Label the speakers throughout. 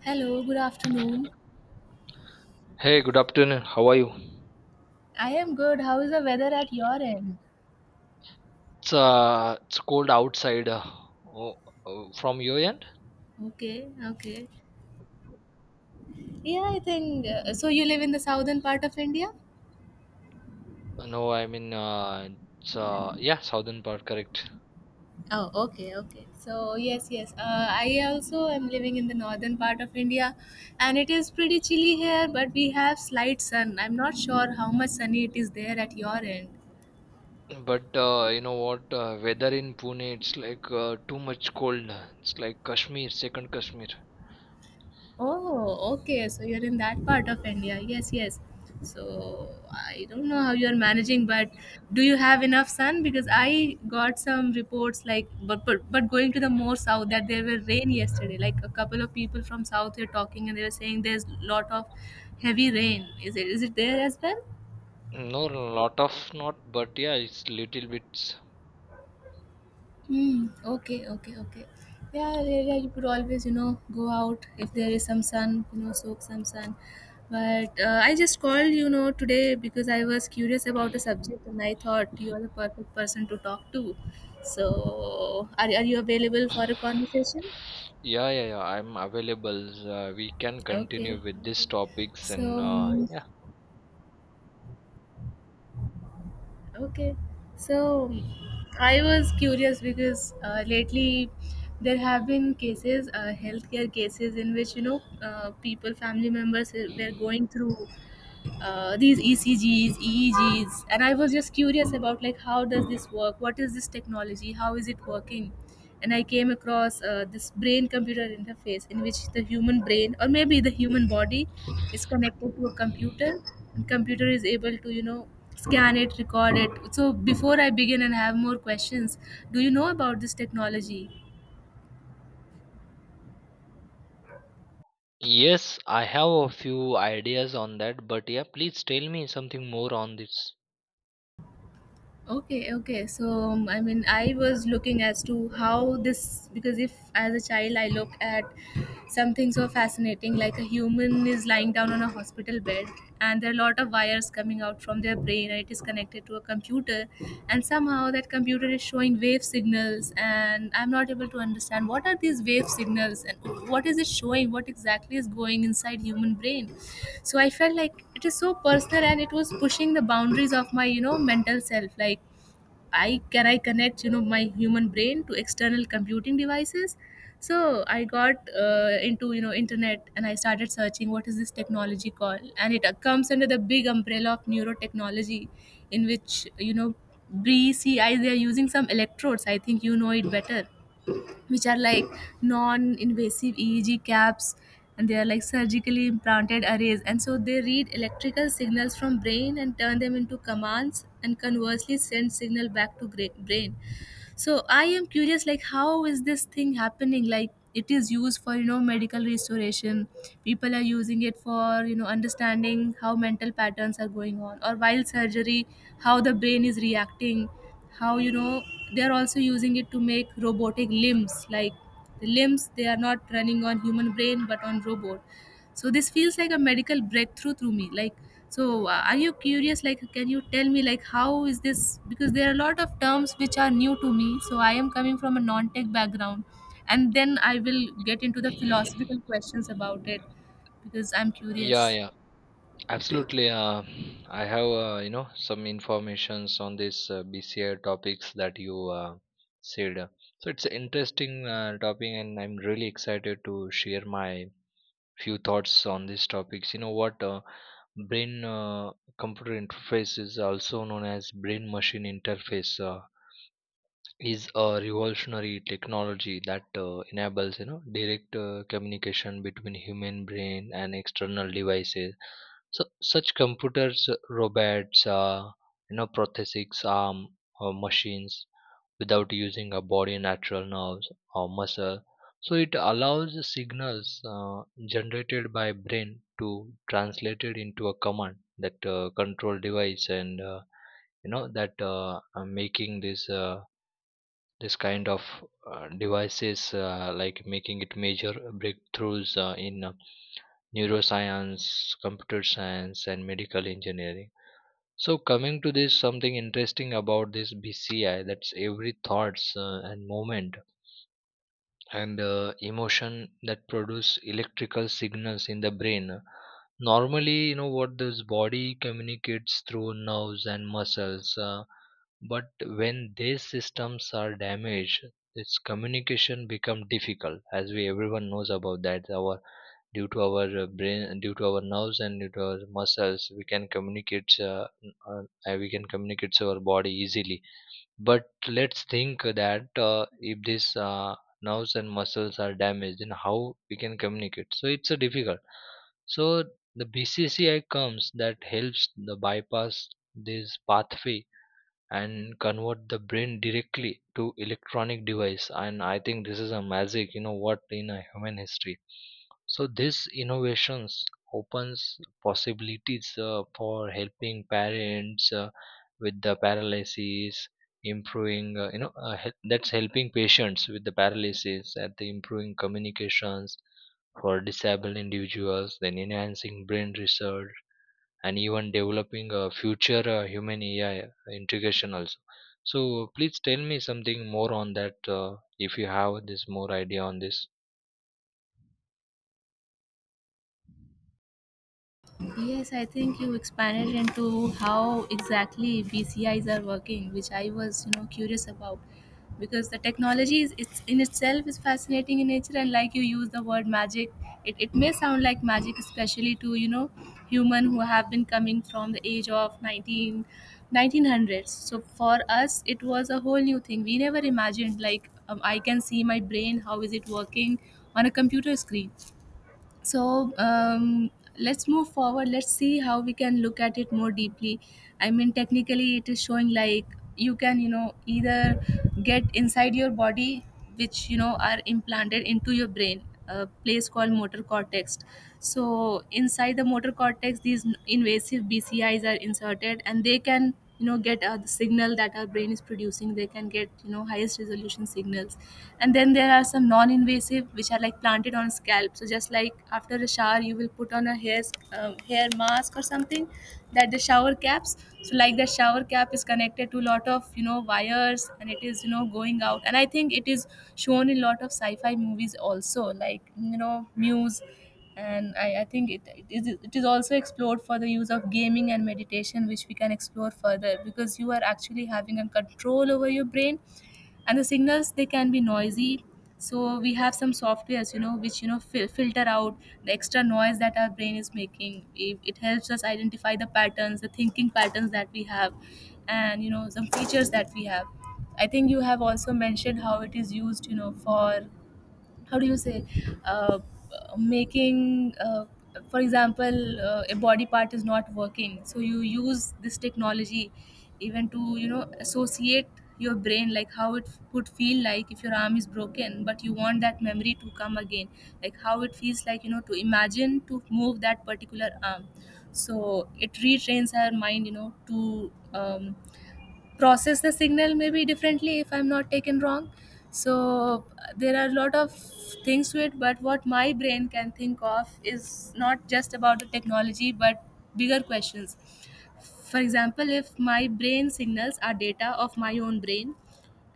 Speaker 1: Hello, good afternoon.
Speaker 2: Hey, good afternoon. How are you?
Speaker 1: I am good. How is the weather at your end?
Speaker 2: It's cold outside. Oh, oh, from your end?
Speaker 1: Okay, okay. Yeah, I think You live in the southern part of India?
Speaker 2: No, I mean, it's yeah, southern part, correct.
Speaker 1: Oh, okay, okay. So, yes, yes. I also am living in the northern part of India and it is pretty chilly here, but we have slight sun. I'm not sure how much sunny it is there at your end.
Speaker 2: But you know what? Weather in Pune, it's like too much cold. It's like Kashmir, second Kashmir.
Speaker 1: Oh, okay. So you're in that part of India. Yes, yes. So I don't know how you're managing, but do you have enough sun? Because I got some reports like, but going to the more south that there were rain yesterday. Like a couple of people from south were talking and they were saying there's lot of heavy rain. Is it there as well?
Speaker 2: No, lot of not, but yeah, it's little bits.
Speaker 1: Hmm. Okay. Okay. Okay. Yeah, You could always, you know, go out if there is some sun. You know, soak some sun. But I just called, you know, today because I was curious about a subject, and I thought you are the perfect person to talk to. So, are you available for a conversation?
Speaker 2: Yeah, yeah, yeah, I'm available. We can
Speaker 1: Okay.
Speaker 2: continue with these
Speaker 1: Okay.
Speaker 2: topics,
Speaker 1: So.
Speaker 2: and
Speaker 1: um,
Speaker 2: yeah.
Speaker 1: Okay, so um, I was curious because lately there have been cases, healthcare cases, in which you know people, family members were going through these ECGs, EEGs, and I was just curious about like how does this work? What is this technology? How is it working? And I came across this brain-computer interface in which the human brain, or maybe the human body, is connected to a computer, and computer is able to you know scan it, record it. So before I begin and have more questions, do you know about this technology?
Speaker 2: Yes, I have a few ideas on that, but yeah, please tell me something more on this.
Speaker 1: Okay, okay. I mean, I was looking as to how this, because if as a child I look at something so fascinating, like a human is lying down on a hospital bed, and there are a lot of wires coming out from their brain, and it is connected to a computer, and somehow that computer is showing wave signals, and I'm not able to understand what are these wave signals and what is it showing, what exactly is going inside human brain. So I felt like it is so personal, and it was pushing the boundaries of my, you know, mental self, like I can I connect you know my human brain to external computing devices? So I got into you know internet and I started searching what is this technology called, and it comes under the big umbrella of neurotechnology, in which you know BCI they are using some electrodes. I think you know it better, which are like non-invasive EEG caps and they are like surgically implanted arrays, and so they read electrical signals from brain and turn them into commands and conversely send signal back to brain. So I am curious like how is this thing happening? Like it is used for you know medical restoration, people are using it for you know understanding how mental patterns are going on, or while surgery how the brain is reacting, how you know they are also using it to make robotic limbs, like the limbs they are not running on human brain but on robot. So this feels like a medical breakthrough to me. So are you curious like can you tell me like how is this, because there are a lot of terms which are new to me, so I am coming from a non-tech background, and then I will get into the philosophical questions about it because I'm curious.
Speaker 2: Yeah, yeah, absolutely. I have you know some informations on this BCI topics that you said. So it's an interesting topic, and I'm really excited to share my few thoughts on these topics. You know what? Brain computer interface is also known as brain machine interface. Is a revolutionary technology that enables you know direct communication between human brain and external devices, so such computers, robots, you know, prosthetics arm or machines without using a body natural nerves or muscle. So it allows the signals generated by brain to translated into a command that control device, and you know that making this this kind of devices like making it major breakthroughs in neuroscience, computer science, and medical engineering. So coming to this, something interesting about this BCI, that's every thoughts and moment and emotion that produce electrical signals in the brain. Normally, you know what, this body communicates through nerves and muscles, but when these systems are damaged, its communication become difficult, as we everyone knows about that. Our due to our brain, due to our nerves, and due to our muscles, we can communicate. Uh, we can communicate to our body easily. But let's think that if these nerves and muscles are damaged, then how we can communicate? So it's a difficult. So the BCCI comes that helps the bypass this pathway and convert the brain directly to electronic device, and I think this is a magic, you know what, in a human history. So this innovations opens possibilities for helping parents with the paralysis, improving you know, that's helping patients with the paralysis at the improving communications for disabled individuals, then enhancing brain research, and even developing a future human AI integration also. So please tell me something more on that if you have this more idea on this.
Speaker 1: Yes, I think you expanded into how exactly BCIs are working, which I was, you know, curious about. Because the technology is it's in itself is fascinating in nature, and like you use the word magic, it may sound like magic, especially to, you know, human who have been coming from the age of 19, 1900s. So for us, it was a whole new thing. We never imagined like I can see my brain, how is it working on a computer screen. so um, let's move forward, let's see how we can look at it more deeply. I mean technically it is showing like you can you know either get inside your body, which you know are implanted into your brain, a place called motor cortex. So inside the motor cortex these invasive BCIs are inserted and they can you know get the signal that our brain is producing, they can get you know highest resolution signals. And then there are some non-invasive, which are like planted on scalp, so just like after a shower you will put on a hair hair mask or something, that the shower caps. So like the shower cap is connected to a lot of you know wires and it is you know going out, and I think it is shown in a lot of sci-fi movies also, like you know Muse. And I think it is it is also explored for the use of gaming and meditation, which we can explore further because you are actually having a control over your brain. And the signals they can be noisy, so we have some softwares you know which you know filter out the extra noise that our brain is making. It helps us identify the patterns, the thinking patterns that we have and you know some features that we have. I think you have also mentioned how it is used you know for how do you say uh, making for example a body part is not working, so you use this technology even to you know associate your brain like how it would feel like if your arm is broken but you want that memory to come again, like how it feels like you know to imagine to move that particular arm. So it retrains our mind you know to process the signal maybe differently if I'm not taken wrong. So there are a lot of things to it, but what my brain can think of is not just about the technology but bigger questions. For example, if my brain signals are data of my own brain,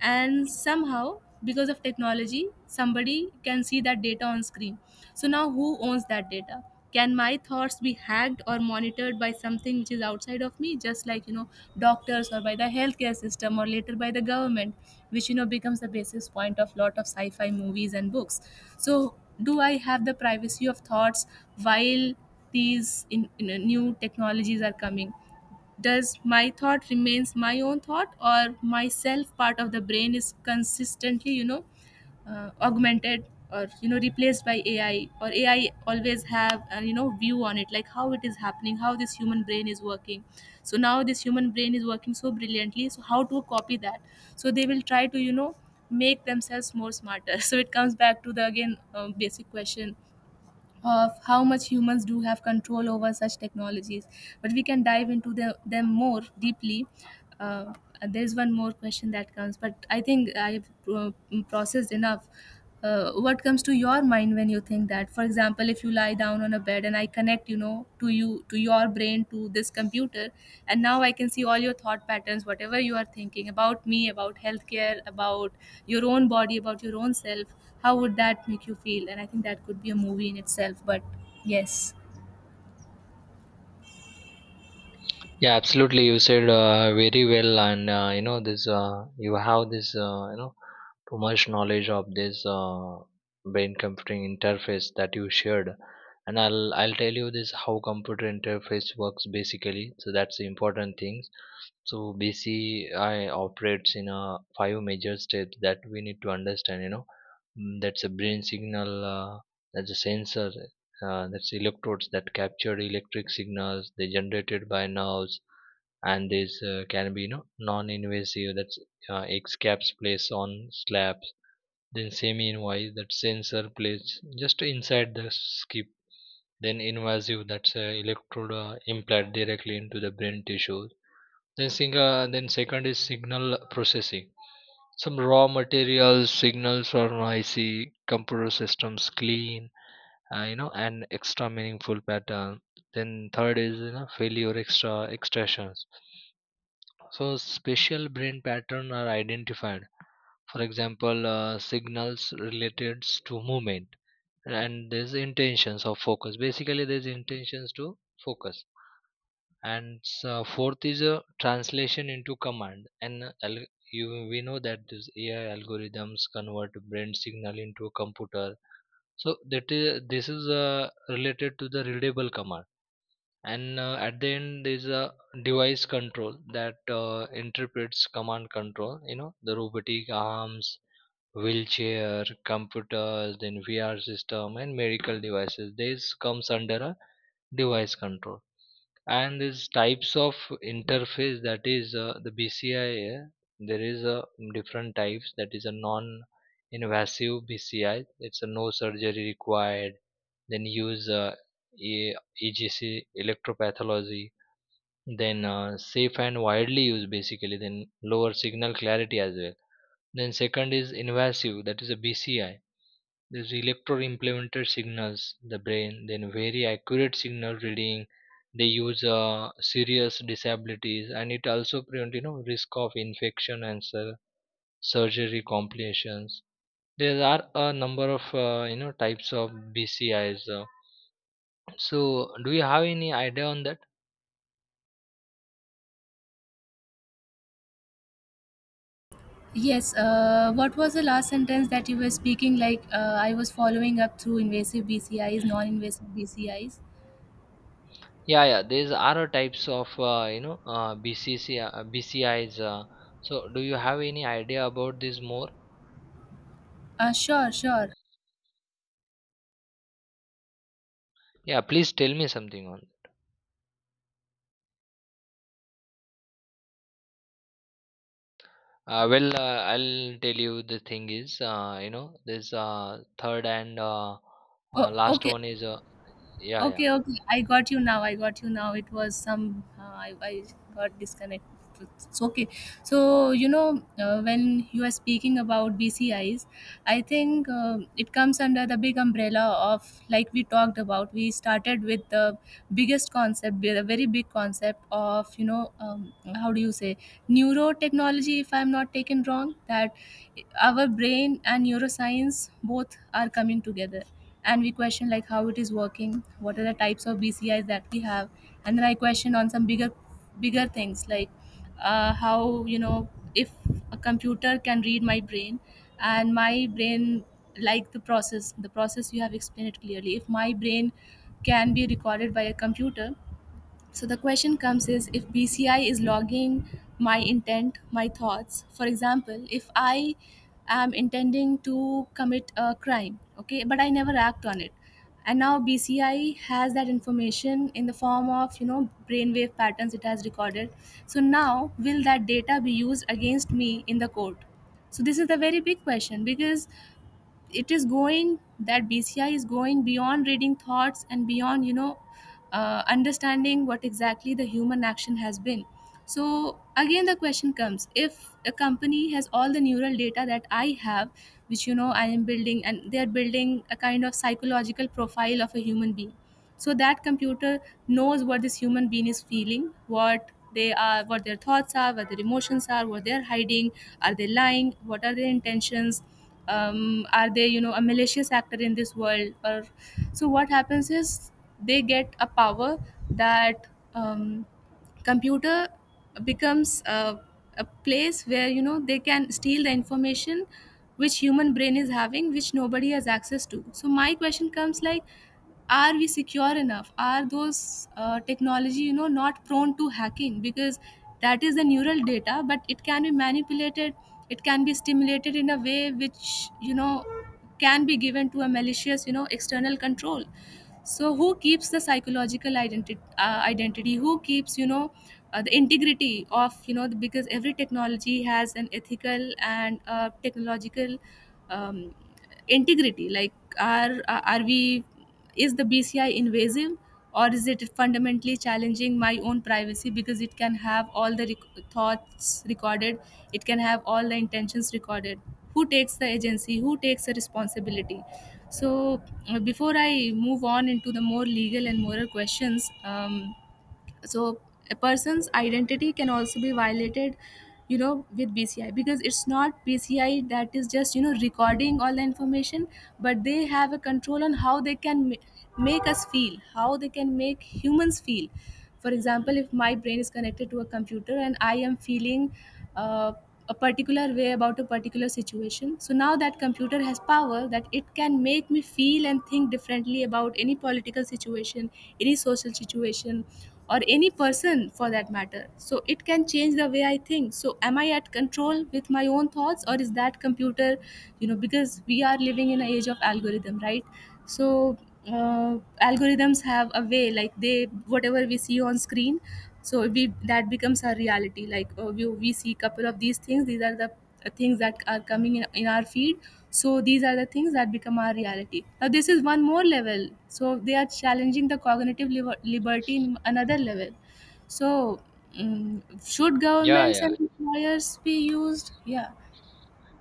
Speaker 1: and somehow because of technology somebody can see that data on screen, so now who owns that data? Can my thoughts be hacked or monitored by something which is outside of me, just like you know doctors or by the healthcare system or later by the government, which you know becomes the basis point of lot of sci-fi movies and books. So do I have the privacy of thoughts while these new technologies are coming? Does my thought remains my own thought, or my self part of the brain is consistently you know augmented or you know replaced by AI? Or AI always have a you know view on it like how it is happening, how this human brain is working. So now this human brain is working so brilliantly, so how to copy that? So they will try to you know make themselves more smarter so it comes back to the again basic question of how much humans do have control over such technologies. But we can dive into them more deeply. Uh, there's one more question that comes, but I think I've uh, processed enough. What comes to your mind when you think that? For example, if you lie down on a bed and I connect you know to you, to your brain to this computer, and now I can see all your thought patterns, whatever you are thinking about me, about healthcare, about your own body, about your own self, how would that make you feel? And I think that could be a movie in itself, but yes.
Speaker 2: Yeah, absolutely. You said very well, and you know this. You have this too much knowledge of this brain computing interface that you shared, and I'll tell you this how computer interface works basically. So that's the important things. So BCI operates in a five major steps that we need to understand. You know, mm, that's a brain signal. That's a sensor, that's electrodes that capture electric signals they generated by nerves, and this can be you know non-invasive, that's egg caps place on slabs, then semi-invasive, that sensor place just inside the skip, then invasive, that's electrode implant directly into the brain tissue. Then single, then second is signal processing. Some raw materials signals are noisy, computer systems clean, you know, an extra meaningful pattern. Then third is you know failure extra extraction. So special brain pattern are identified, for example signals related to movement and there's intentions of focus, basically there's intentions to focus. And so fourth is a translation into command and you we know that this AI algorithms convert brain signal into a computer, so that is this is related to the readable command, and at the end there is a device control that interprets command control. You know, the robotic arms, wheelchair, computers, then VR system, and medical devices. This comes under a device control. And these types of interface, that is the BCI, there is a different types. That is a non invasive BCI, it's a no surgery required, then use E- EGC electropathology, then safe and widely used basically, then lower signal clarity as well. Then second is invasive, that is a BCI. These electro-implemented signals, the brain, then very accurate signal reading. They use serious disabilities, and it also prevent you know risk of infection and surgery complications. There are a number of you know types of BCIs. So, do you have any idea on that?
Speaker 1: Yes, what was the last sentence that you were speaking like? I was following up through invasive BCIs, non-invasive BCIs.
Speaker 2: Yeah, yeah. These are types of you know, BCC, BCIs. So, do you have any idea about this more?
Speaker 1: Sure, sure.
Speaker 2: Yeah, please tell me something on. Well, I'll tell you the thing is, you know, this third and
Speaker 1: Oh,
Speaker 2: last
Speaker 1: okay.
Speaker 2: one is, yeah, yeah,
Speaker 1: Okay, okay. I got you now. I got you now. It was some. I got disconnected. It's okay. When you are speaking about BCIs, I think it comes under the big umbrella of, like we talked about, we started with the biggest concept, the very big concept of, how do you say, neurotechnology, if I'm not taken wrong, that our brain and neuroscience both are coming together, and we question like how it is working, what are the types of BCIs that we have. And then I question on some bigger things like, how, you know, if a computer can read my brain and my brain, like the process you have explained it clearly. If my brain can be recorded by a computer, so the question comes is, if BCI is logging my intent, my thoughts. For example, if I am intending to commit a crime, okay, but I never act on it. And now BCI has that information in the form of, you know, brainwave patterns it has recorded. So now will that data be used against me in the court? So this is the very big question, because it is going that BCI is going beyond reading thoughts and beyond, you know, understanding what exactly the human action has been. So again the question comes, if a company has all the neural data that I have, which, you know, I am building and they are building, a kind of psychological profile of a human being. So that computer knows what this human being is feeling, what they are, what their thoughts are, what their emotions are, what they are hiding, are they lying, what are their intentions, are they, you know, a malicious actor in this world, or. So what happens is they get a power that, um, computer becomes a place where, you know, they can steal the information which human brain is having, which nobody has access to. So my question comes like, are we secure enough? Are those technology, you know, not prone to hacking? Because that is the neural data, but it can be manipulated, it can be stimulated in a way which, you know, can be given to a malicious, you know, external control. So who keeps the psychological identity, who keeps, you know, the integrity of, you know, the, because every technology has an ethical and technological um, integrity. Like are we, is the BCI invasive, or is it fundamentally challenging my own privacy, because it can have all the thoughts recorded, it can have all the intentions recorded. Who takes the agency? Who takes the responsibility? So, before I move on into the more legal and moral questions, so a person's identity can also be violated, you know, with BCI, because it's not BCI that is just, you know, recording all the information, but they have a control on how they make us feel, how they can make humans feel. For example, if my brain is connected to a computer and I am feeling, uh, a particular way about a particular situation. So now that computer has power that it can make me feel and think differently about any political situation, any social situation, or any person for that matter. So it can change the way I think. So am I at control with my own thoughts, or is that computer, you know, because we are living in an age of algorithm, right? So algorithms have a way, like they, whatever we see on screen, so we, that becomes our reality. Like we see couple of these things, these are the things that are coming in our feed. So these are the things that become our reality. Now this is one more level, so they are challenging the cognitive liberty in another level. So should
Speaker 2: yeah,
Speaker 1: governments
Speaker 2: yeah.
Speaker 1: and employers be used, yeah.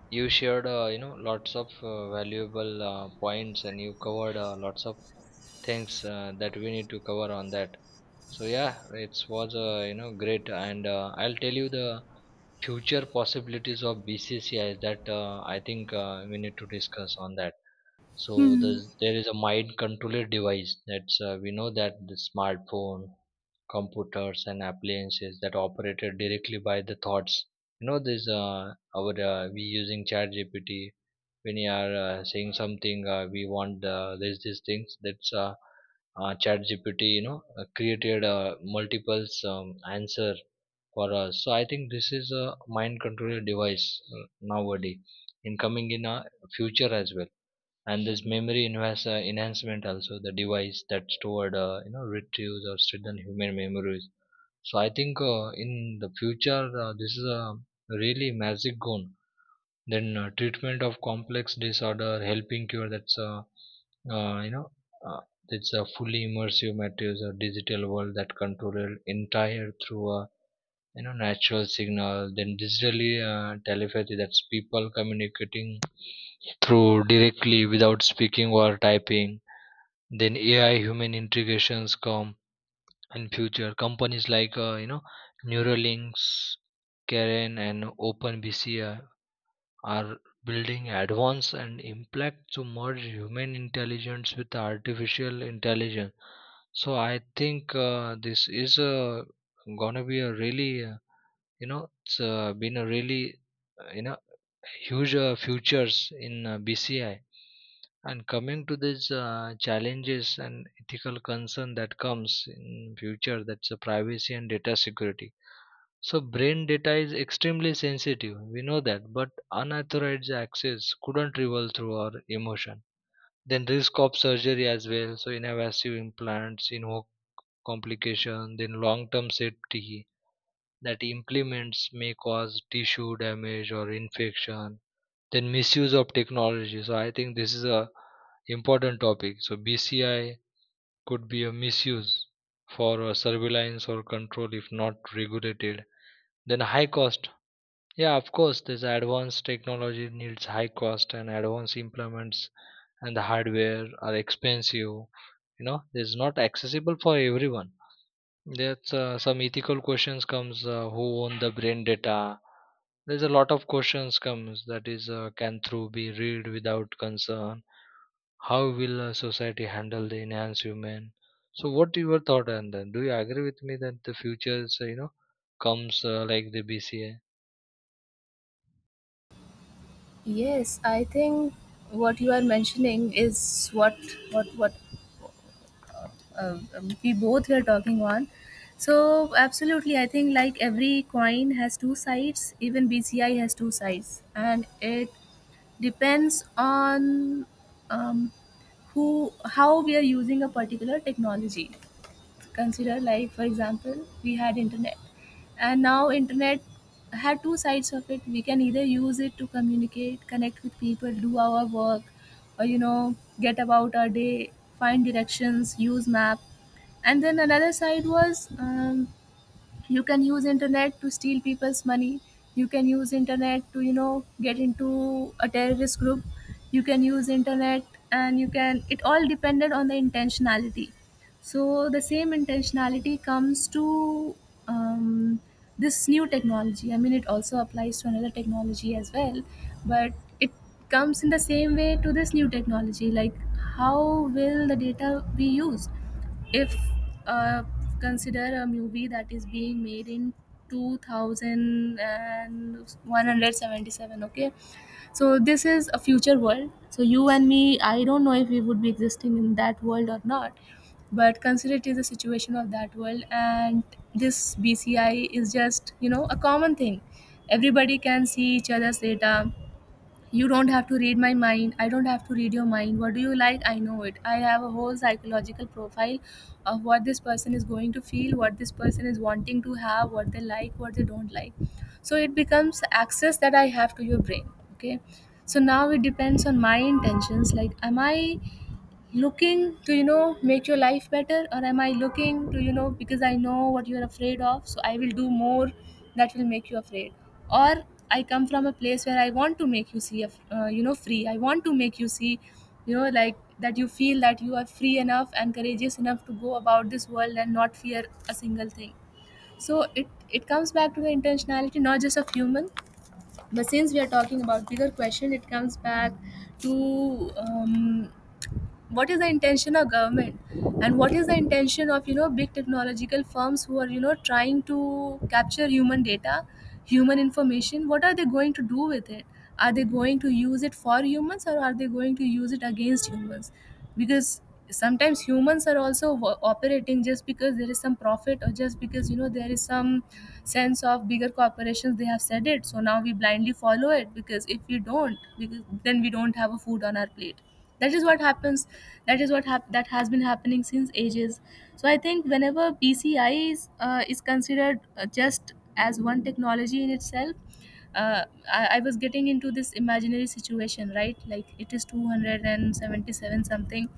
Speaker 2: You shared you know lots of valuable points, and you covered lots of things that we need to cover on that. So yeah, it was you know great, and I'll tell you the future possibilities of BCCI that I think we need to discuss on that. So
Speaker 1: Hmm.
Speaker 2: there is a mind controller device, that's we know that the smartphone, computers, and appliances that operated directly by the thoughts. You know this, our we using chat gpt when you are saying something we want, there's these things that's chat gpt you know created multiples answer for us. So I think this is a mind control device, uh, nowadays in coming in a future as well. And this memory enhancement also, the device that stored you know retrieves or hidden human memories. So I think in the future this is a really magic gun. Then treatment of complex disorder helping cure, that's uh, you know uh, it's a fully immersive materials or digital world that controlled entire through a you know natural signal, then digitally telepathy, that's people communicating through directly without speaking or typing. Then AI human integrations come in future. Companies like you know Neuralinks, Karen, and OpenBCI are building advanced and impact to merge human intelligence with artificial intelligence. So I think this is gonna be a really you know it's been a really uh, you know huge futures in BCI. And coming to these challenges and ethical concern that comes in future, that's privacy and data security. So brain data is extremely sensitive, we know that, but unauthorized access couldn't revolve through our emotion. Then risk of surgery as well, so invasive implants, you know, complication, then long term safety, that implements may cause tissue damage or infection. Then misuse of technology, so I think this is a important topic. So BCI could be a misuse for surveillance or control if not regulated. Then high cost, yeah, of course, this advanced technology needs high cost and advanced implements, and the hardware are expensive, you know it's not accessible for everyone. That's some ethical questions comes, who own the brain data. There's a lot of questions comes, that is can through be read without concern. How will society handle the enhanced human? So what your thought on that? Do you agree with me that the future is, you know, comes like the BCA?
Speaker 1: Yes, I think what you are mentioning is what we both were talking on. So absolutely, I think like every coin has two sides. Even BCI has two sides, and it depends on um, who, how we are using a particular technology. Consider, like for example, we had internet, and now internet had two sides of it. We can either use it to communicate, connect with people, do our work, or, you know, get about our day, find directions, use map. And then another side was, you can use internet to steal people's money, you can use internet to, you know, get into a terrorist group, you can use internet, and you can, it all depended on the intentionality. So the same intentionality comes to um, this new technology, I mean it also applies to another technology as well, but it comes in the same way to this new technology. Like how will the data be used, if uh, consider a movie that is being made in 2177, okay. So this is a future world, so you and me, I don't know if we would be existing in that world or not, but consider it is a situation of that world. And this BCI is just, you know, a common thing, everybody can see each other's data. You don't have to read my mind. I don't have to read your mind. What do you like? I know it. I have a whole psychological profile of what this person is going to feel, what this person is wanting to have, what they like, what they don't like. So it becomes access that I have to your brain. Okay. So now it depends on my intentions. Like, am I looking to, you know, make your life better, or am I looking to, you know, because I know what you're afraid of, so I will do more that will make you afraid. Or I come from a place where I want to make you you know, free, I want to make you see, you know, like that you feel that you are free enough and courageous enough to go about this world and not fear a single thing. So it comes back to the intentionality, not just of human, but since we are talking about bigger question, it comes back to what is the intention of government, and what is the intention of, you know, big technological firms who are, you know, trying to capture human data, human information. What are they going to do with it? Are they going to use it for humans, or are they going to use it against humans? Because sometimes humans are also operating just because there is some profit, or just because, you know, there is some sense of bigger corporations, they have said it, so now we blindly follow it, because if we don't, because then we don't have a food on our plate. That is what happens. That has been happening since ages. So I think whenever BCI is considered just as one technology in itself, uh, I was getting into this imaginary situation, right, like it is 277 something,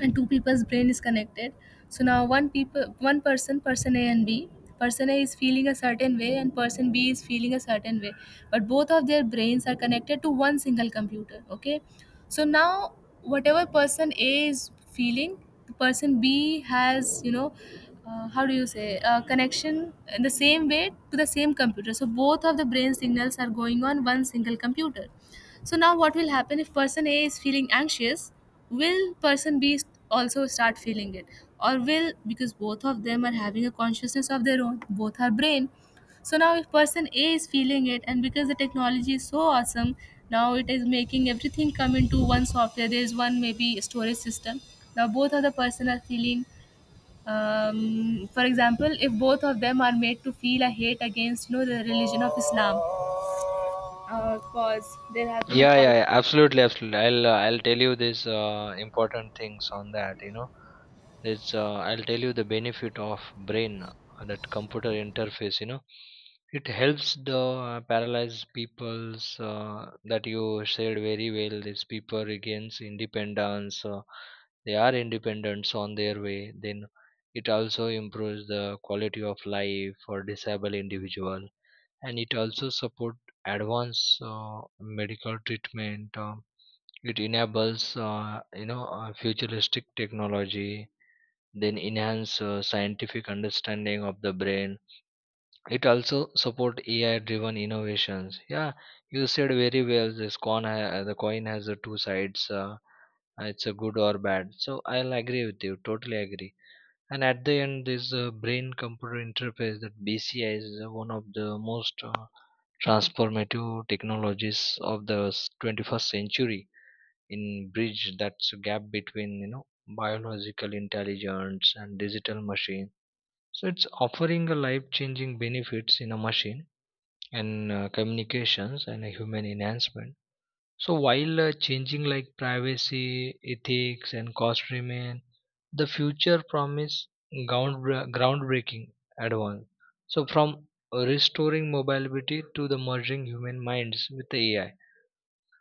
Speaker 1: and two people's brain is connected. So now one people one person person A and B, person A is feeling a certain way and person B is feeling a certain way, but both of their brains are connected to one single computer, okay. So now whatever person A is feeling, the person B has, you know, how do you say, connection in the same way to the same computer, so both of the brain signals are going on one single computer. So now what will happen if person A is feeling anxious? Will person B also start feeling it? Or will, because both of them are having a consciousness of their own, both are brain. So now if person A is feeling it, and because the technology is so awesome, now it is making everything come into one software. There is one maybe storage system. Now both of the person are feeling, for example, if both of them are made to feel a hate against, you know, the religion of Islam, cause there have been a
Speaker 2: Yeah,
Speaker 1: call.
Speaker 2: yeah, yeah, absolutely, absolutely. I'll tell you these important things on that. You know, it's I'll tell you the benefit of brain that computer interface. You know, it helps the paralyzed people's, that you said very well. These people regains independence. They are independent on their way. Then it also improves the quality of life for disabled individual, and it also support advanced medical treatment, it enables you know, futuristic technology, then enhance scientific understanding of the brain, it also support AI driven innovations. Yeah, you said very well, this the coin has two sides, it's a good or bad, so I'll agree with you, totally agree. And at the end, this brain computer interface, that BCI is one of the most transformative technologies of the 21st century in bridge that's gap between you know biological intelligence and digital machine. So it's offering a life changing benefits in a machine and communications and a human enhancement. So while changing like privacy, ethics, and cost remain, the future promise groundbreaking advance. So from restoring mobility to the merging human minds with the AI.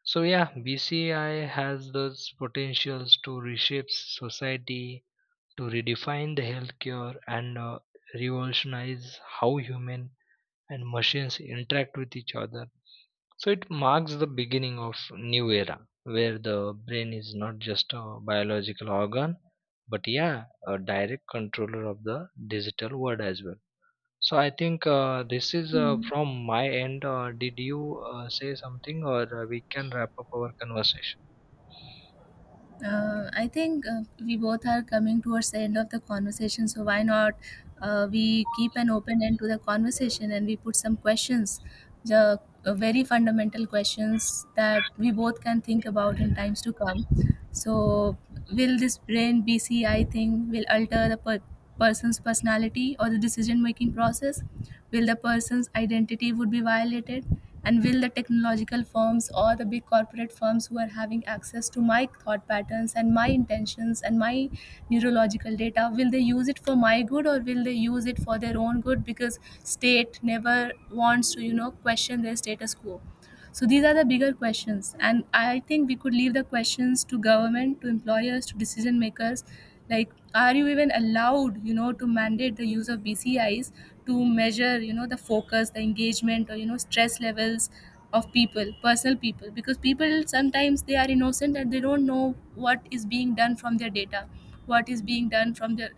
Speaker 2: So yeah, BCI has those potentials to reshape society, to redefine the healthcare, and revolutionize how human and machines interact with each other. So it marks the beginning of new era where the brain is not just a biological organ, but yeah, a direct controller of the digital world as well. So I think this is from my end. Did you say something, or we can wrap up our conversation?
Speaker 1: I think we both are coming towards the end of the conversation, so why not we keep an open end to the conversation and we put some questions, the very fundamental questions that we both can think about in times to come. So, will this brain BCI thing will alter the person's personality or the decision making process, will the person's identity would be violated, and will the technological firms or the big corporate firms who are having access to my thought patterns and my intentions and my neurological data, will they use it for my good, or will they use it for their own good, because state never wants to, you know, question their status quo. So these are the bigger questions, and I think we could leave the questions to government, to employers, to decision makers. Like, are you even allowed, you know, to mandate the use of BCIs to measure, you know, the focus, the engagement, or, you know, stress levels of people, personal people, because people sometimes, they are innocent and they don't know what is being done from their data, what is being done from their,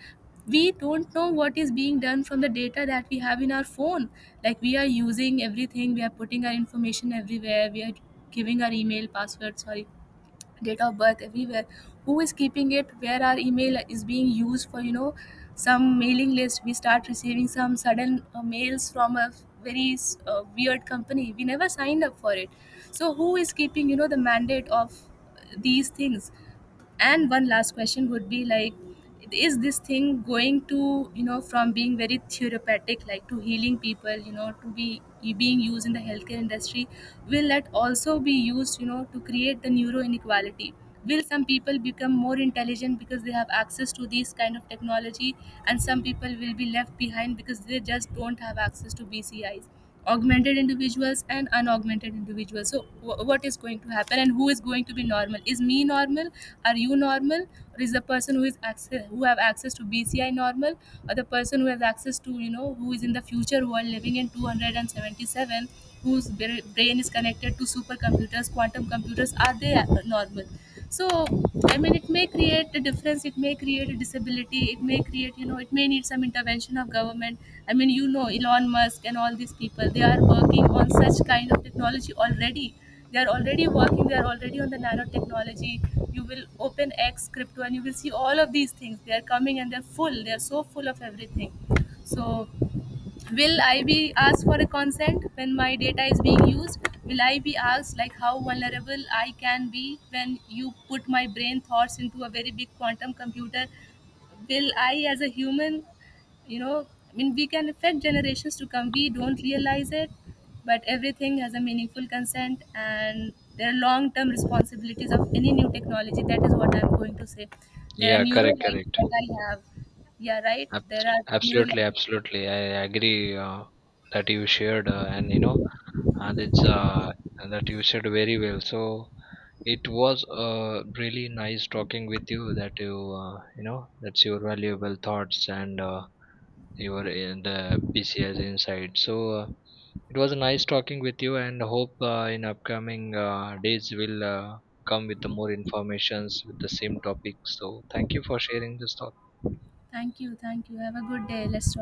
Speaker 1: we don't know what is being done from the data that we have in our phone. Like, we are using everything, we are putting our information everywhere, we are giving our email password, sorry, date of birth everywhere. Who is keeping it, where our email is being used for, you know, some mailing list, we start receiving some sudden mails from a very weird company, we never signed up for it. So who is keeping, you know, the mandate of these things? And one last question would be like, is this thing going to, you know, from being very therapeutic, like to healing people, you know, to be being used in the healthcare industry, will that also be used, you know, to create the neuro inequality? Will some people become more intelligent because they have access to these kind of technology, and some people will be left behind because they just don't have access to BCIs, augmented individuals and unaugmented individuals? So what is going to happen, and who is going to be normal? Is me normal, are you normal, or is the person who is access, who have access to BCI normal? Or the person who has access to, you know, who is in the future world living in 277, whose brain is connected to supercomputers, quantum computers, are they normal? So I mean, it may create a difference, it may create a disability, it may create, you know, it may need some intervention of government. I mean, you know, Elon Musk and all these people, they are working on such kind of technology already. They are already working, they are already on the nanotechnology. You will open X, crypto, and you will see all of these things, they are coming, and they're full, they're so full of everything. So will I be asked for a consent when my data is being used? Will I be asked like how vulnerable I can be when you put my brain thoughts into a very big quantum computer? Will I, as a human, you know, I mean, we can affect generations to come, we don't realize it, but everything has a meaningful consent, and there are long term responsibilities of any new technology. That is what I'm going to say. There are
Speaker 2: Yeah, correct,
Speaker 1: neurolites
Speaker 2: correct.
Speaker 1: that I have. Yeah, right, there are
Speaker 2: Absolutely,
Speaker 1: neurological.
Speaker 2: absolutely. I agree, that you shared, and you know, uh, that's uh, that you shared very well. So it was really nice talking with you. That you, you know, that's your valuable thoughts and your in the BCS insight. So it was nice talking with you, and hope in upcoming days will come with the more informations with the same topic. So thank you for sharing this thought.
Speaker 1: Thank you. Thank you. Have a good day. Let's talk.